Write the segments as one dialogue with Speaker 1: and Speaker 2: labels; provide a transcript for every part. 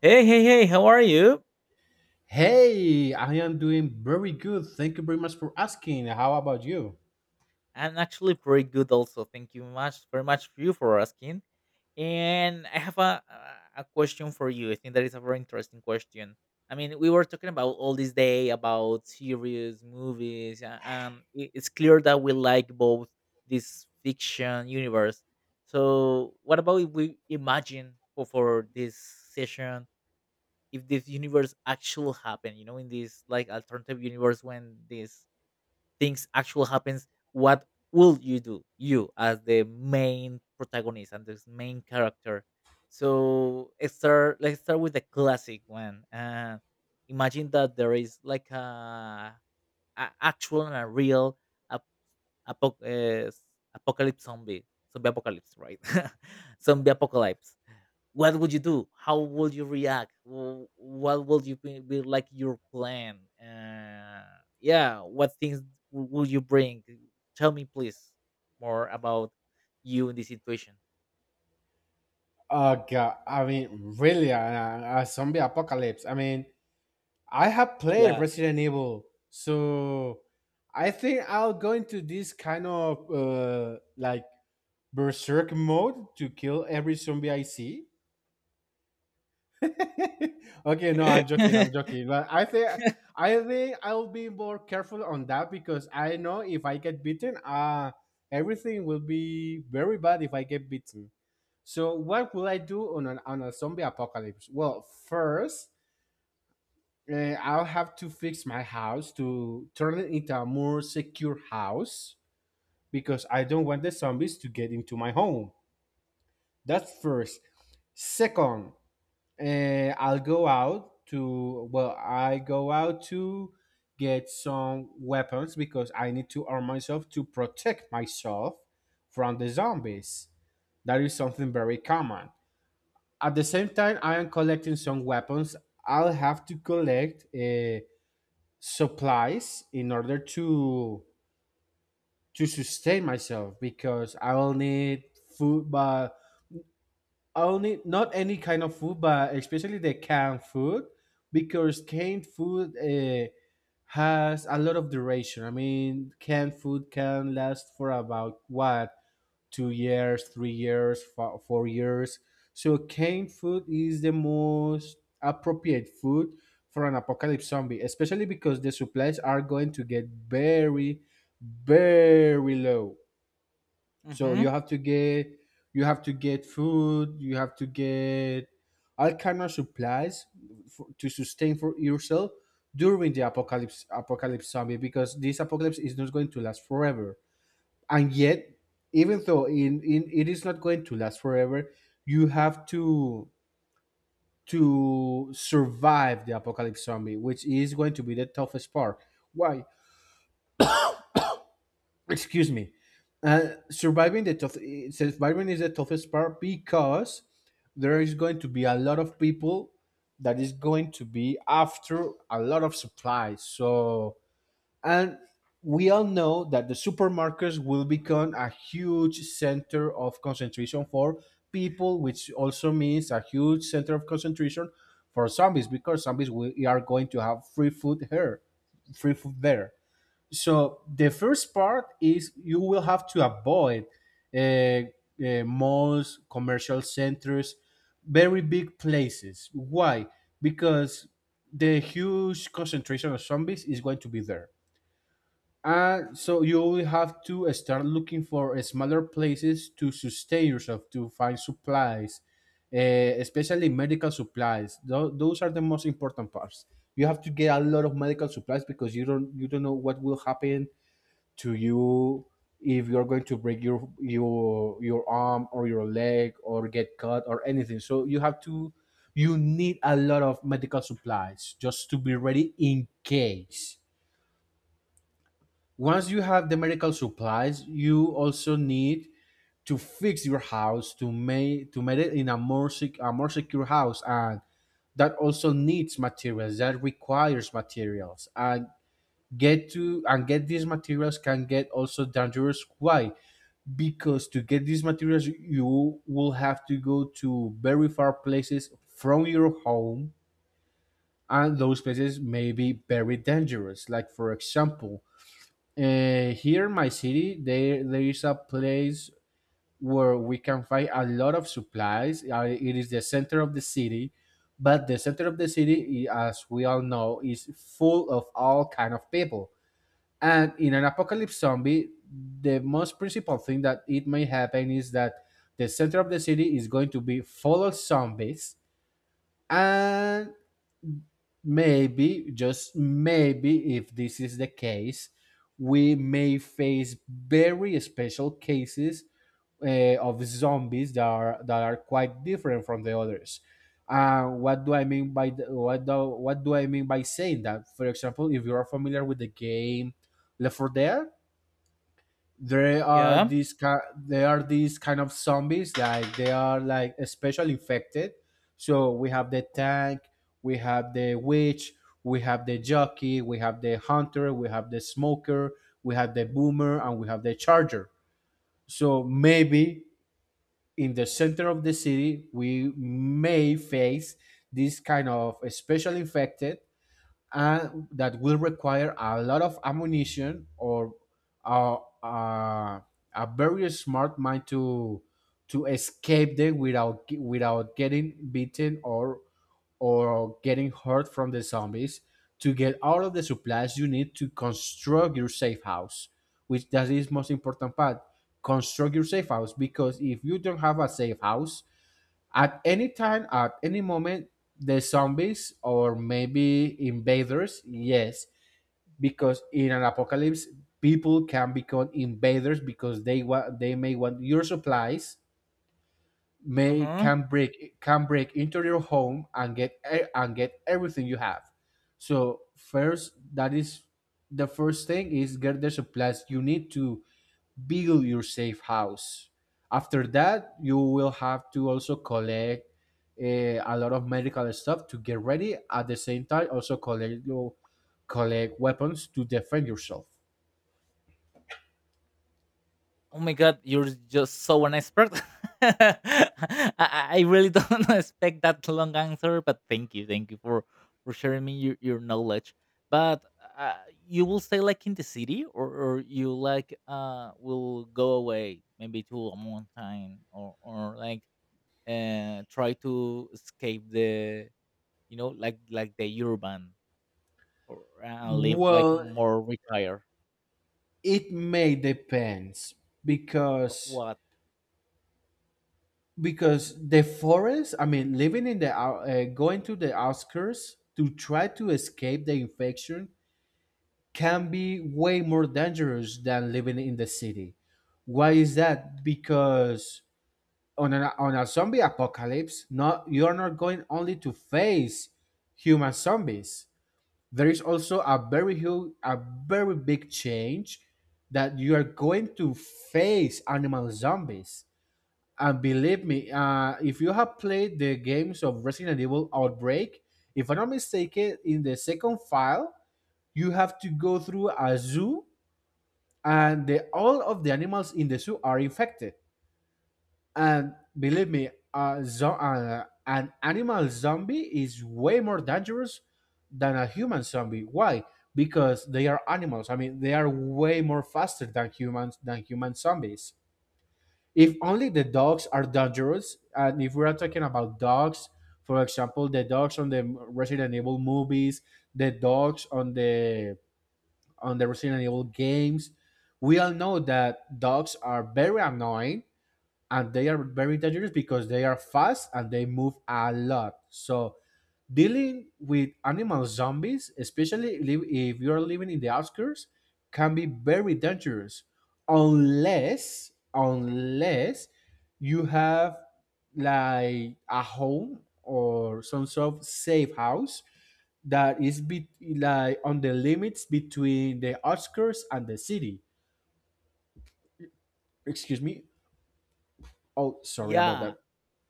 Speaker 1: Hey, hey, hey, how are you?
Speaker 2: Hey, I am doing very good. Thank you very much for asking. How about you?
Speaker 1: I'm actually pretty good also. Thank you much very much for you for asking. And I have a question for you. I think that is a very interesting question. I mean, we were talking about all this day about series, movies, and it's clear that we like both this fiction universe. So, what about if we imagine for this session if this universe actually happened, you know, in this like alternative universe when this things actually happens what will you do you as the main protagonist and this main character so let's start with the classic one imagine that there is like a actual and a real ap- apo- s- apocalypse zombie zombie apocalypse, right? Zombie apocalypse, what would you do? How would you react? Wh- What would you be like your plan? Yeah, what things would you bring? Tell me, please, more about you in this situation.
Speaker 2: God, I mean, really, a zombie apocalypse. I mean, I have played
Speaker 1: Yeah.
Speaker 2: Resident Evil, so I think I'll go into this kind of like berserk mode to kill every zombie I see. Okay, no, I'm joking. I'm joking. But I think I'll be more careful on that because I know if I get beaten, everything will be very bad if I get beaten. So what will I do on on a zombie apocalypse? Well, first, uh, I'll have to fix my house to turn it into a more secure house because I don't want the zombies to get into my home. That's first. Second, I'll go out to I go out to get some weapons because I need to arm myself to protect myself from the zombies. That is something very common. At the same time, I am collecting some weapons. I'll have to collect supplies in order to sustain myself because I will need food, but only not any kind of food, but especially the canned food, because canned food has a lot of duration. I mean, canned food can last for about what, 2 years, 3 years, 4 years. So canned food is the most appropriate food for an apocalypse zombie, especially because the supplies are going to get very, very low. So you
Speaker 1: Hmm.
Speaker 2: have to get food, you have to get all kind of supplies for, to sustain for yourself during the apocalypse zombie because this apocalypse is not going to last forever. And yet, even though in it is not going to last forever, you have to survive the apocalypse zombie, which is going to be the toughest part. Why? Excuse me. uh, surviving the tough Surviving is the toughest part because there is going to be a lot of people that is going to be after a lot of supplies, so and we all know that the supermarkets will become a huge center of concentration for people, which also means a huge center of concentration for zombies because are going to have free food here, free food there, so the first part is you will have to avoid malls, commercial centers, very big places. Why? Because the huge concentration of zombies is going to be there, and so you will have to start looking for smaller places to sustain yourself, to find supplies, especially medical supplies. Those are the most important parts. You have to get a lot of medical supplies because you don't know what will happen to you if you're going to break your arm or your leg or get cut or anything, so you have to, you need a lot of medical supplies just to be ready in case. Once you have the medical supplies, you also need to fix your house to make it in a more secure house, and that also needs materials, that requires materials, and get to and get these materials can get also dangerous. Why? Because to get these materials you will have to go to very far places from your home, and those places may be very dangerous, like for example, here in my city there is a place where we can find a lot of supplies. It is the center of the city, but the center of the city, as we all know, is full of all kind of people, and in an apocalypse zombie, the most principal thing that it may happen is that the center of the city is going to be full of zombies. And maybe, just maybe, if this is the case, we may face very special cases of zombies that are, quite different from the others. What do I mean by saying that? For example, if you are familiar with the game Left 4 Dead, there are
Speaker 1: Yeah.
Speaker 2: these kind of zombies, like they are like especially infected. So we have the tank, we have the witch, we have the jockey, we have the hunter, we have the smoker, we have the boomer, and we have the charger. So maybe in the center of the city we may face this kind of especially infected, and that will require a lot of ammunition or a, a, a very smart mind to escape them without getting beaten or getting hurt from the zombies, to get all of the supplies you need to construct your safe house, which that is most important part. Construct your safe house because if you don't have a safe house, at any time, at any moment, the zombies or maybe invaders, yes, because in an apocalypse, people can become invaders because they may want your supplies, may
Speaker 1: Uh-huh.
Speaker 2: can break into your home and get e- and get everything you have. So first, that is, the first thing is get the supplies you need to build your safe house. After that, you will have to also collect a lot of medical stuff to get ready. At the same time, also collect your collect weapons to defend yourself.
Speaker 1: Oh my god, you're just so an expert. I, I I really don't expect that long answer, but thank you for sharing me your knowledge. But you will stay like in the city, or you like will go away maybe to a mountain, or like try to escape the you know like the urban or and live like
Speaker 2: Well,
Speaker 1: more retired.
Speaker 2: it may depends
Speaker 1: Of
Speaker 2: because
Speaker 1: what?
Speaker 2: the forest. I mean, living in the going to the outskirts to try to escape the infection can be way more dangerous than living in the city. Why is that? Because on on a zombie apocalypse, not you're not going only to face human zombies. There is also a very a very big change that you are going to face animal zombies. And believe me, if you have played the games of Resident Evil Outbreak, if I'm not mistaken, in the second file, you have to go through a zoo and all of the animals in the zoo are infected. And believe me, an animal zombie is way more dangerous than a human zombie. Why? Because they are animals. I mean, they are way more faster than humans, than human zombies. If only the dogs are dangerous, and if we are talking about dogs, for example, the dogs on the Resident Evil movies, the dogs on the Resident Evil games. We all know that dogs are very annoying and they are very dangerous because they are fast and they move a lot. So dealing with animal zombies, especially if you are living in the outskirts, can be very dangerous unless, you have like a home or some sort of safe house that like on the limits between the outskirts and the city. Excuse me. Oh, sorry about
Speaker 1: Yeah,
Speaker 2: that.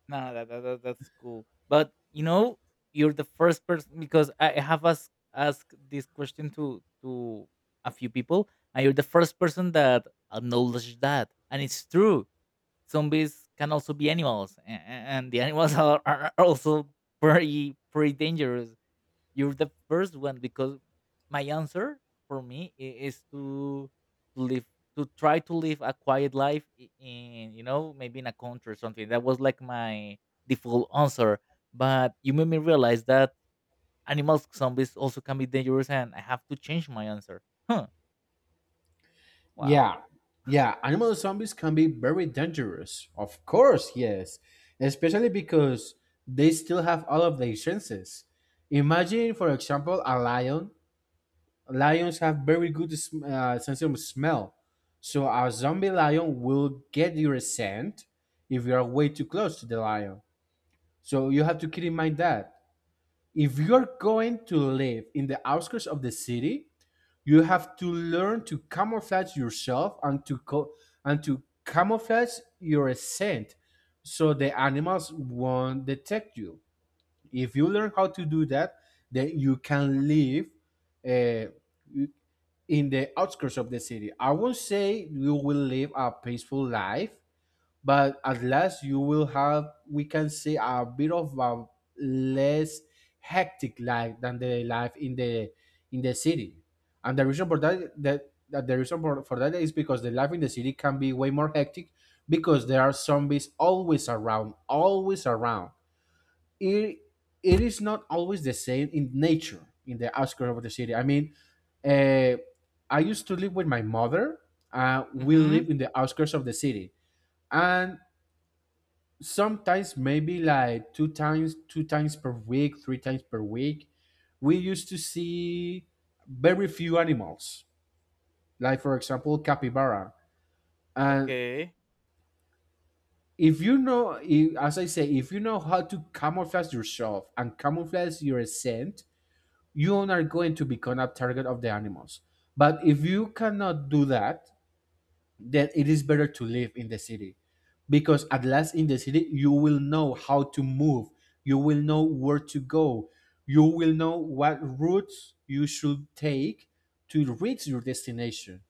Speaker 1: no, that that's cool. But you know, you're the first person because I have asked this question to a few people, and you're the first person that acknowledged that, and it's true. Zombies can also be animals, and the animals are are also pretty dangerous. You're the first one because my answer for me is to live to try to live a quiet life in you know maybe in a country or something that was like my default answer, but you made me realize that animals zombies also can be dangerous and I have to change my answer. Huh. Wow.
Speaker 2: Yeah, yeah. Animal zombies can be very dangerous. Of course, yes, especially because they still have all of their senses. Imagine, for example, a lion. Lions have very good sense of smell, so a zombie lion will get your scent if you are way too close to the lion. So you have to keep in mind that. If you're going to live in the outskirts of the city, you have to learn to camouflage yourself and to camouflage your scent so the animals won't detect you. If you learn how to do that, then you can live uh, in the outskirts of the city. I won't say you will live a peaceful life, but at last you will have, we can say, a bit of a less hectic life than the life in the city. And the reason for that that, that the reason for that is because the life in the city can be way more hectic because there are zombies always around, it, it is not always the same in nature in the outskirts of the city, I mean. uh, I used to live with my mother. We
Speaker 1: Mm-hmm.
Speaker 2: live in the outskirts of the city, and sometimes maybe like two times, per week, three times per week, we used to see very few animals, like for example capybara. And
Speaker 1: Okay.
Speaker 2: if you know, if as I say, if you know how to camouflage yourself and camouflage your scent, you are not going to become a target of the animals. But if you cannot do that, then it is better to live in the city, because at last, in the city you will know how to move, you will know where to go, you will know what routes you should take to reach your destination.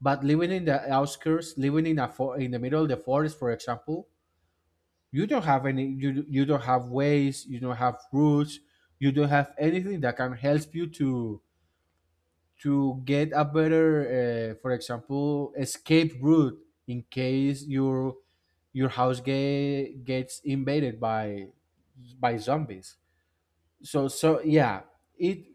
Speaker 2: But living in the outskirts, living in a in the middle of the forest, for example, you don't have any, you don't have ways, you don't have routes, you don't have anything that can help you to get a better, for example, escape route in case your gets invaded by zombies. So yeah, it,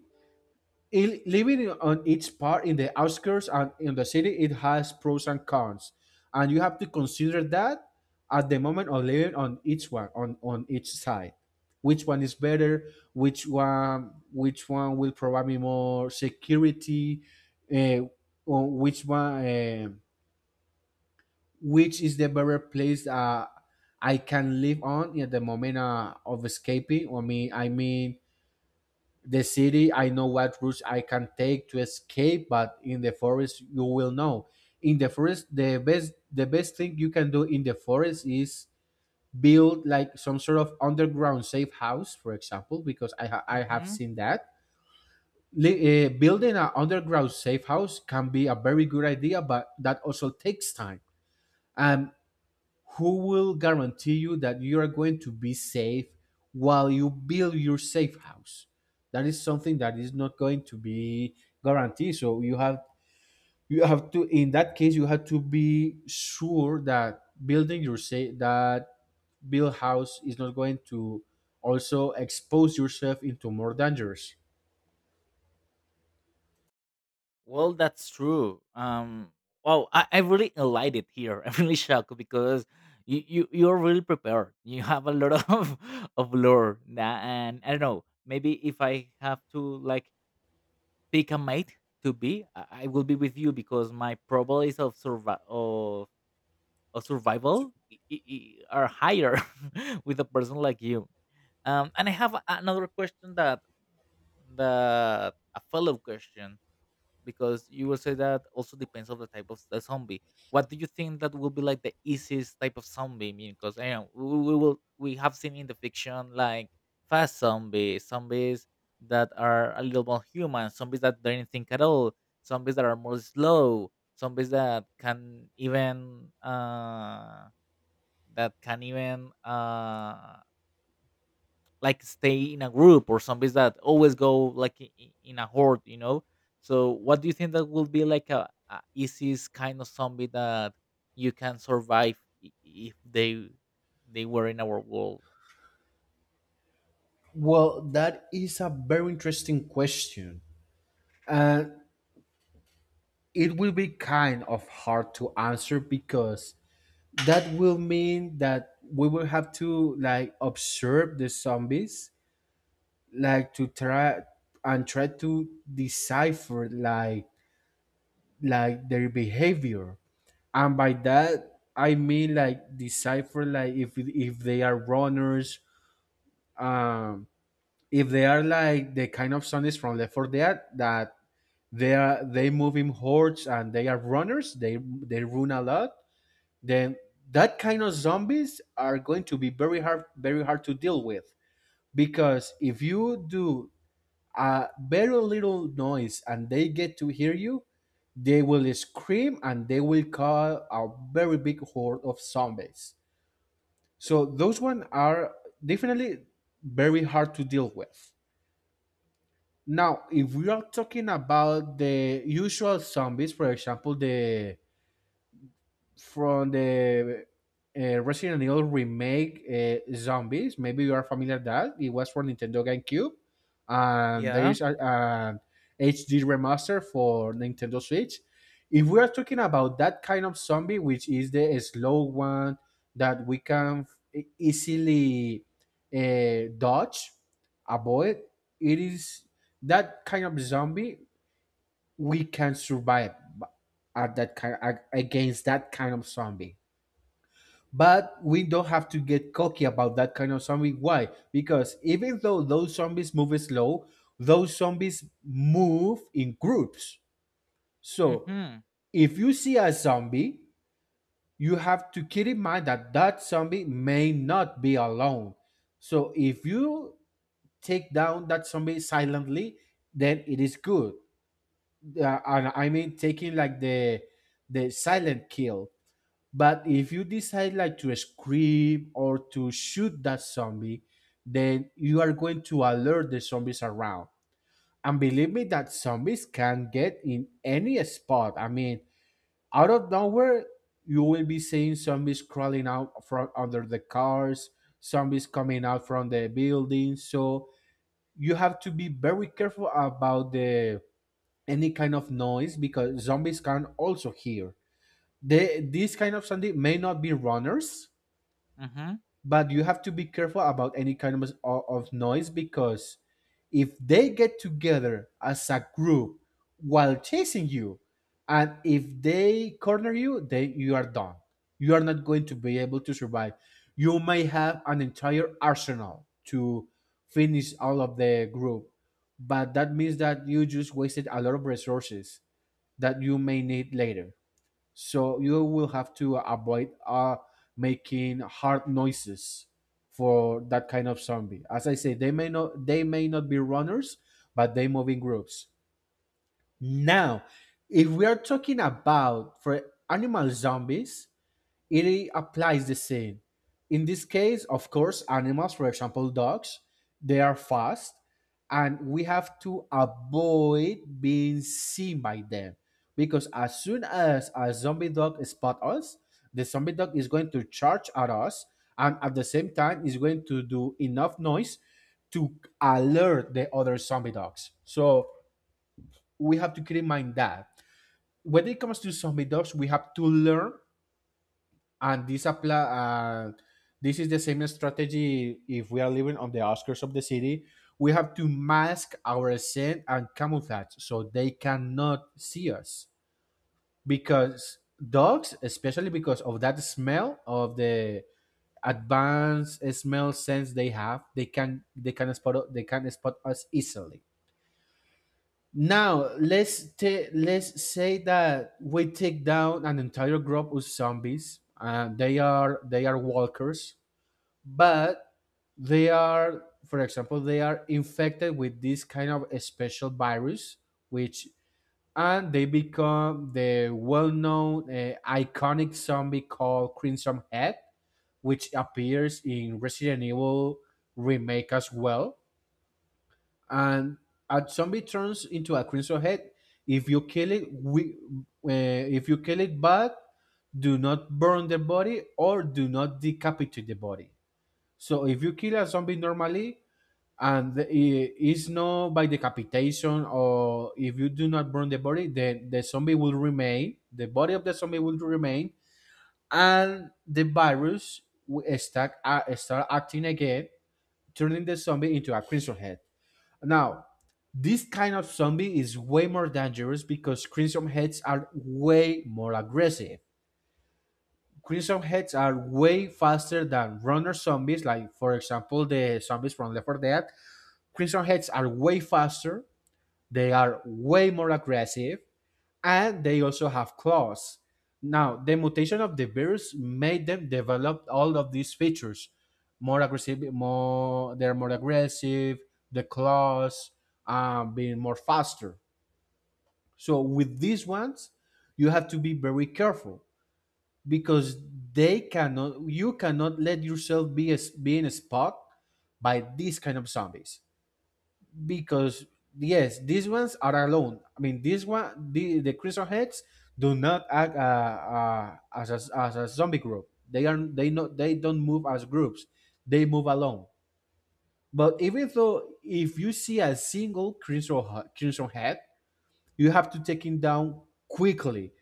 Speaker 2: Living on each part, in the outskirts and in the city, it has pros and cons, and you have to consider that at the moment of living on each one, on each side. Which one is better? Which one? Which one will provide me more security? Uh, or which one? Which is the better place I can live on at the moment of escaping? I mean, the city, I know what routes I can take to escape, but in the forest you will know. In the forest, the best thing you can do in the forest is build like some sort of underground safe house, for example, because I have
Speaker 1: Mm-hmm.
Speaker 2: seen that. Building an underground safe house can be a very good idea, but that also takes time. um who will guarantee you that you are going to be safe while you build your safe house? That is something that is not going to be guaranteed. So you have, you have to in that case, you have to be sure that building your safe that build house is not going to also expose yourself into more dangers.
Speaker 1: Well, that's true. Wow, I really delighted here. I'm really shocked because you you're really prepared. You have a lot of of lore, and I don't know. Maybe if I have to like pick a mate to be, I will be with you because my probabilities of of survival are higher with a person like you. And I have another question that a follow up question because you will say that also depends on the type of the zombie. What do you think that will be like the easiest type of zombie? I mean, because you know, we will we have seen in the fiction like fast zombies, zombies that are a little more human, zombies that don't think at all, zombies that are more slow, zombies that can even like stay in a group or zombies that always go like in a horde, you know, so what do you think that would be like a easiest kind of zombie that you can survive if they they were in our world?
Speaker 2: Well, that is a very interesting question, and it will be kind of hard to answer because that will mean that we will have to, like, observe the zombies, like, to try and try to decipher, like, their behavior. And by that I mean, like, decipher, like, if they are runners. um if they are like the kind of zombies from Left 4 Dead, that they are, they move in hordes and they are runners, they run a lot. Then that kind of zombies are going to be very hard, to deal with, because if you do a very little noise and they get to hear you, they will scream and they will call a very big horde of zombies. So those one are definitely very hard to deal with. Now, if we are talking about the usual zombies, for example, the from the Resident Evil remake, zombies. Maybe you are familiar with that. It was for Nintendo GameCube. There
Speaker 1: Yeah.
Speaker 2: is a HD remaster for Nintendo Switch. If we are talking about that kind of zombie, which is the slow one that we can easily dodge, avoid, it is that kind of zombie we can survive at. Against that kind of zombie. But we don't have to get cocky about that kind of zombie. Why? Because even though those zombies move slow, those zombies move in groups. So
Speaker 1: Mm-hmm.
Speaker 2: if you see a zombie, you have to keep in mind that that zombie may not be alone. So if you take down that zombie silently, then it is good. Yeah, and I mean taking like the silent kill. But if you decide like to scream or to shoot that zombie, then you are going to alert the zombies around. And believe me that zombies can get in any spot. I mean, out of nowhere, you will be seeing zombies crawling out from under the cars, zombies coming out from the building. So you have to be very careful about the any kind of noise, because zombies can also hear. They, this kind of zombie may not be runners,
Speaker 1: Mm-hmm.
Speaker 2: but you have to be careful about any kind of noise, because if they get together as a group while chasing you, and if they corner you, then you are done. You are not going to be able to survive. You may have an entire arsenal to finish all of the group, but that means that you just wasted a lot of resources that you may need later. So you will have to avoid making hard noises for that kind of zombie. As I say, they may not be runners, but they move in groups. Now, if we are talking about for animal zombies, it applies the same. In this case, of course, animals, for example, dogs, they are fast, and we have to avoid being seen by them, because as soon as a zombie dog spots us, the zombie dog is going to charge at us, and at the same time is going to do enough noise to alert the other zombie dogs. So we have to keep in mind that when it comes to zombie dogs, we have to learn, and this apply, this is the same strategy. If we are living on the outskirts of the city, we have to mask our scent and camouflage so they cannot see us, because dogs, especially because of that smell of the advanced smell sense they have, they can they can spot us easily. Now, let's say that we take down an entire group of zombies. They are walkers, but they are, for example, they are infected with this kind of a special virus, which, and they become the well-known iconic zombie called crimson head, which appears in Resident Evil remake as well. And a zombie turns into a crimson head if you kill it. If you kill it but do not burn the body or do not decapitate the body. So if you kill a zombie normally, and it's not by decapitation, or if you do not burn the body, then the zombie will remain. The body of the zombie will remain, and the virus will start acting again, turning the zombie into a crimson head. Now, this kind of zombie is way more dangerous because crimson heads are way more aggressive. Crimson heads are way faster than runner zombies, like for example the zombies from Left 4 Dead. Crimson heads are way faster, they are way more aggressive, and they also have claws. Now, the mutation of the virus made them develop all of these features. More aggressive, more they're more aggressive, the claws, being more faster. So with these ones, you have to be very careful because they cannot you cannot let yourself be in a spot by these kind of zombies, because yes, these ones are alone. I mean, this one, the crystal heads do not act as a, zombie group. They don't move as groups. They move alone. But even though, if you see a single crystal head, you have to take him down quickly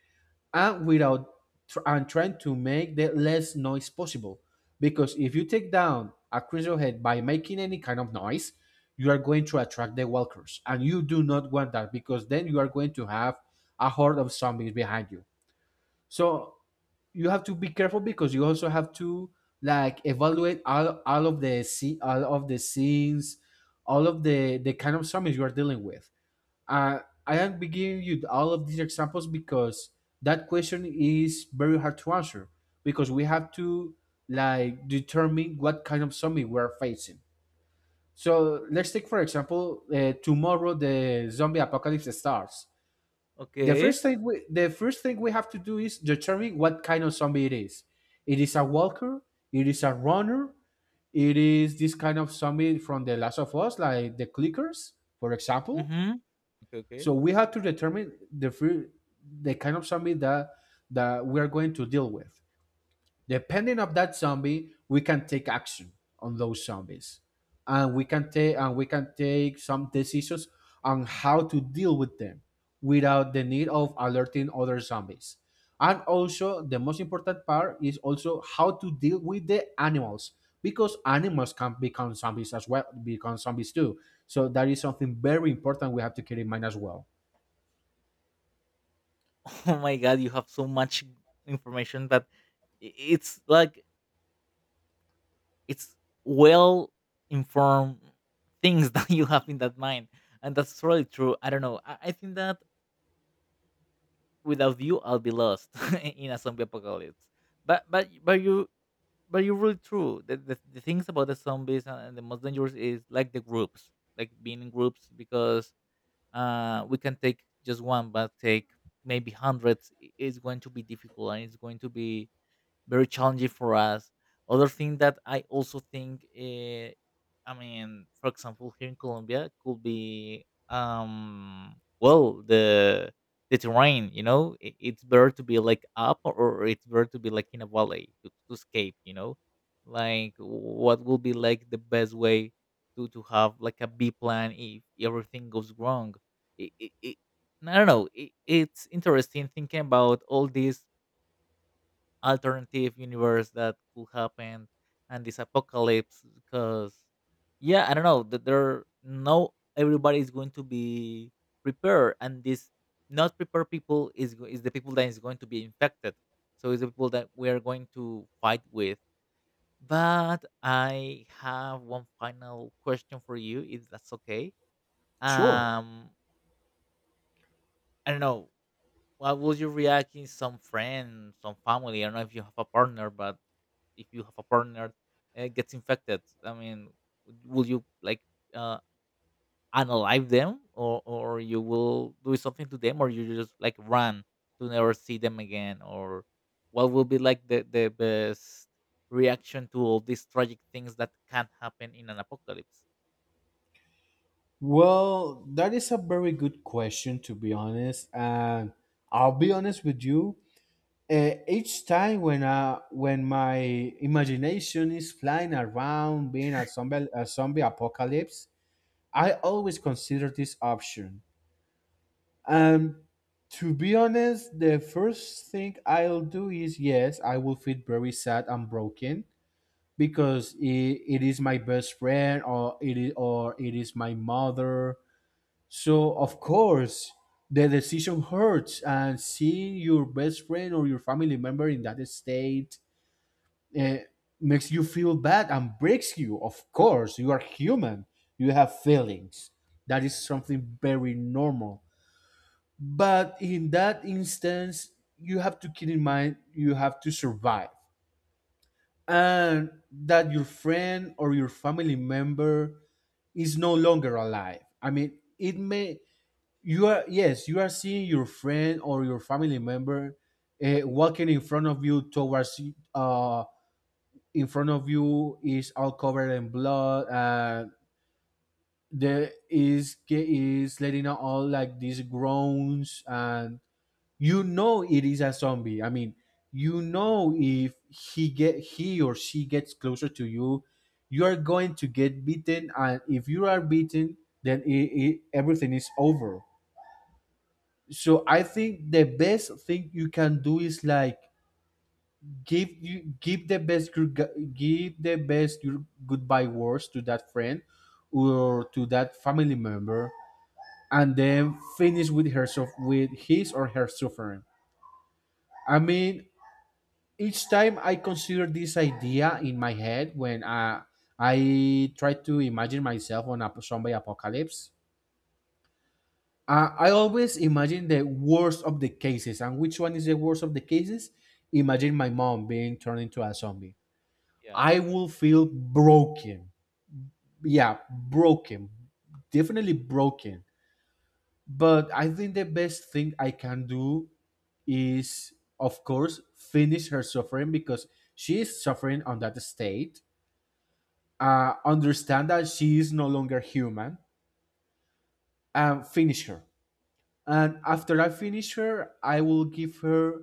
Speaker 2: and without tr- and trying to make the less noise possible, because if you take down a crystal head by making any kind of noise, you are going to attract the walkers, and you do not want that because then you are going to have a horde of zombies behind you. So you have to be careful because you also have to, like, evaluate all of the scene all of the scenes, all of the kind of zombies you are dealing with. uh, I am giving you all of these examples because that question is very hard to answer, because we have to, like, determine what kind of zombie we are facing. So let's take for example, tomorrow the zombie apocalypse starts.
Speaker 1: Okay.
Speaker 2: The first thing we have to do is determine what kind of zombie it is. It is a walker. It is a runner. It is this kind of zombie from The Last of Us, like the clickers, for example.
Speaker 1: Mm-hmm. Okay, okay.
Speaker 2: So we have to determine the kind of zombie that we are going to deal with. Depending of that zombie, we can take action on those zombies, and we can take some decisions on how to deal with them without the need of alerting other zombies. And also, the most important part is also how to deal with the animals, because animals can become zombies as well, become zombies too. So that is something very important we have to keep in mind as well.
Speaker 1: Oh my god, you have so much information that it's like it's well informed things that you have in that mind. And that's really true, I don't know, I think that without you I'll be lost in a zombie apocalypse. But you but you're really true. The things about the zombies and the most dangerous is like the groups, like being in groups because we can take just one, but take maybe hundreds. It's going to be difficult and it's going to be very challenging for us. Other thing that I also think, I mean, for example, here in Colombia could be, well, the terrain. You know, it's better to be like up, or it's better to be like in a valley to escape. You know, like what will be like the best way to have like a B plan if everything goes wrong. It, it, it, I don't know. It's interesting thinking about all these alternative universe that could happen and this apocalypse because yeah I don't know that there no everybody is going to be prepared and this not prepared people is the people that is going to be infected, so it's the people that we are going to fight with. But I have one final question for you, if that's okay.
Speaker 2: Sure.
Speaker 1: um I don't know. What would you react in some friend, some family? I don't know if you have a partner, but if you have a partner gets infected, I mean, would you like uh, unalive them, or you will do something to them, or you just like run to never see them again, or what will be like the best reaction to all these tragic things that can happen in an apocalypse?
Speaker 2: Well, that is a very good question, to be honest. And I'll be honest with you. Each time when I, when my imagination is flying around being a zombie apocalypse, I always consider this option. And to be honest, the first thing I'll do is, yes, I will feel very sad and broken, because it is my best friend, or it is my mother. So of course, the decision hurts, and seeing your best friend or your family member in that state, eh, makes you feel bad and breaks you. Of course, you are human. You have feelings. That is something very normal. But in that instance, you have to keep in mind you have to survive, and that your friend or your family member is no longer alive. I mean, it may, you are, yes, you are seeing your friend or your family member walking in front of you in front of you, is all covered in blood, and there is letting out all like these groans, and you know it is a zombie. I mean, you know, if he get, he or she gets closer to you, you are going to get beaten, and if you are beaten, then everything is over. So I think the best thing you can do is, like, give the best, your goodbye words, to that friend or to that family member, and then finish with her with his or her suffering. I mean, each time I consider this idea in my head, when I try to imagine myself on a zombie apocalypse, I always imagine the worst of the cases. And which one is the worst of the cases? Imagine my mom being turned into a zombie. I
Speaker 1: Yeah.
Speaker 2: will feel broken. Yeah, broken. Definitely broken. But I think the best thing I can do is, of course, finish her suffering, because she is suffering on that state. Understand that she is no longer human, and finish her. And after I finish her, I will give her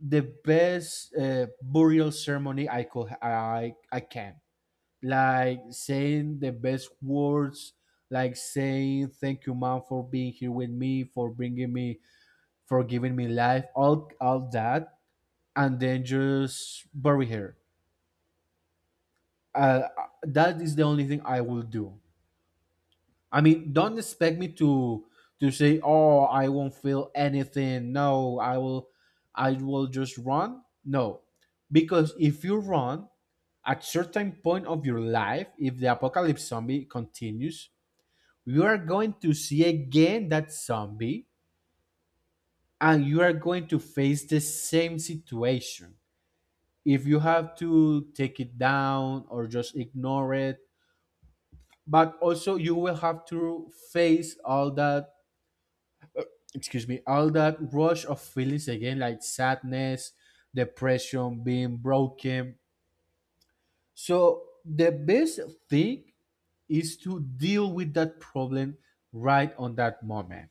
Speaker 2: the best burial ceremony I could I can. Like saying the best words, like saying, thank you, mom, for being here with me, for bringing me, for giving me life, all that, and then just bury her. That is the only thing I will do. I mean, don't
Speaker 1: Okay.
Speaker 2: expect me to say, "Oh, I won't feel anything." No, I will just run. No, because if you run, at certain point of your life, if the apocalypse zombie continues, you are going to see again that zombie, and you are going to face the same situation. If you have to take it down or just ignore it, but also you will have to face all that, excuse me, all that rush of feelings again, like sadness, depression, being broken. So the best thing is to deal with that problem right on that moment.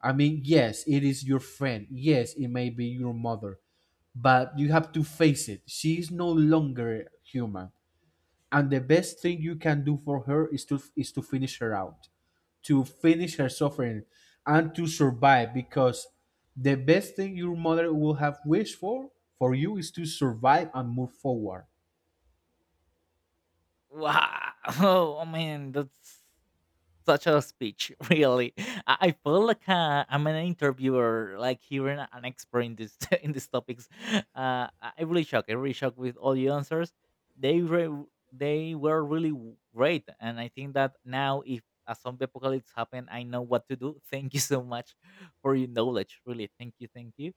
Speaker 2: I mean, yes, it is your friend. Yes, it may be your mother, but you have to face it. She is no longer human. And the best thing you can do for her is to, finish her out, to finish her suffering, and to survive, because the best thing your mother will have wished for, you is to survive and move forward.
Speaker 1: Wow. Oh man, that's such a speech. Really, I feel like I'm an interviewer like hearing an expert in this in these topics. I really shocked, I really shocked with all the answers. They were really great, and I think that now if a zombie apocalypse happened, I know what to do. Thank you so much for your knowledge. Really, thank you.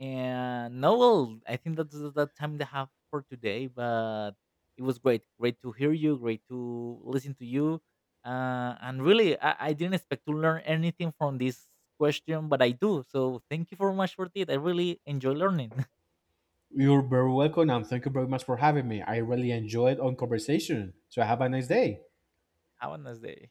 Speaker 1: And no, well, I think that's the time they have for today. But it was great, great to hear you, great to listen to you, and really, I didn't expect to learn anything from this question, but I do. So thank you very much for it. I really enjoy learning.
Speaker 2: You're very welcome, and thank you very much for having me. I really enjoyed our conversation. So have a nice day.
Speaker 1: Have a nice day.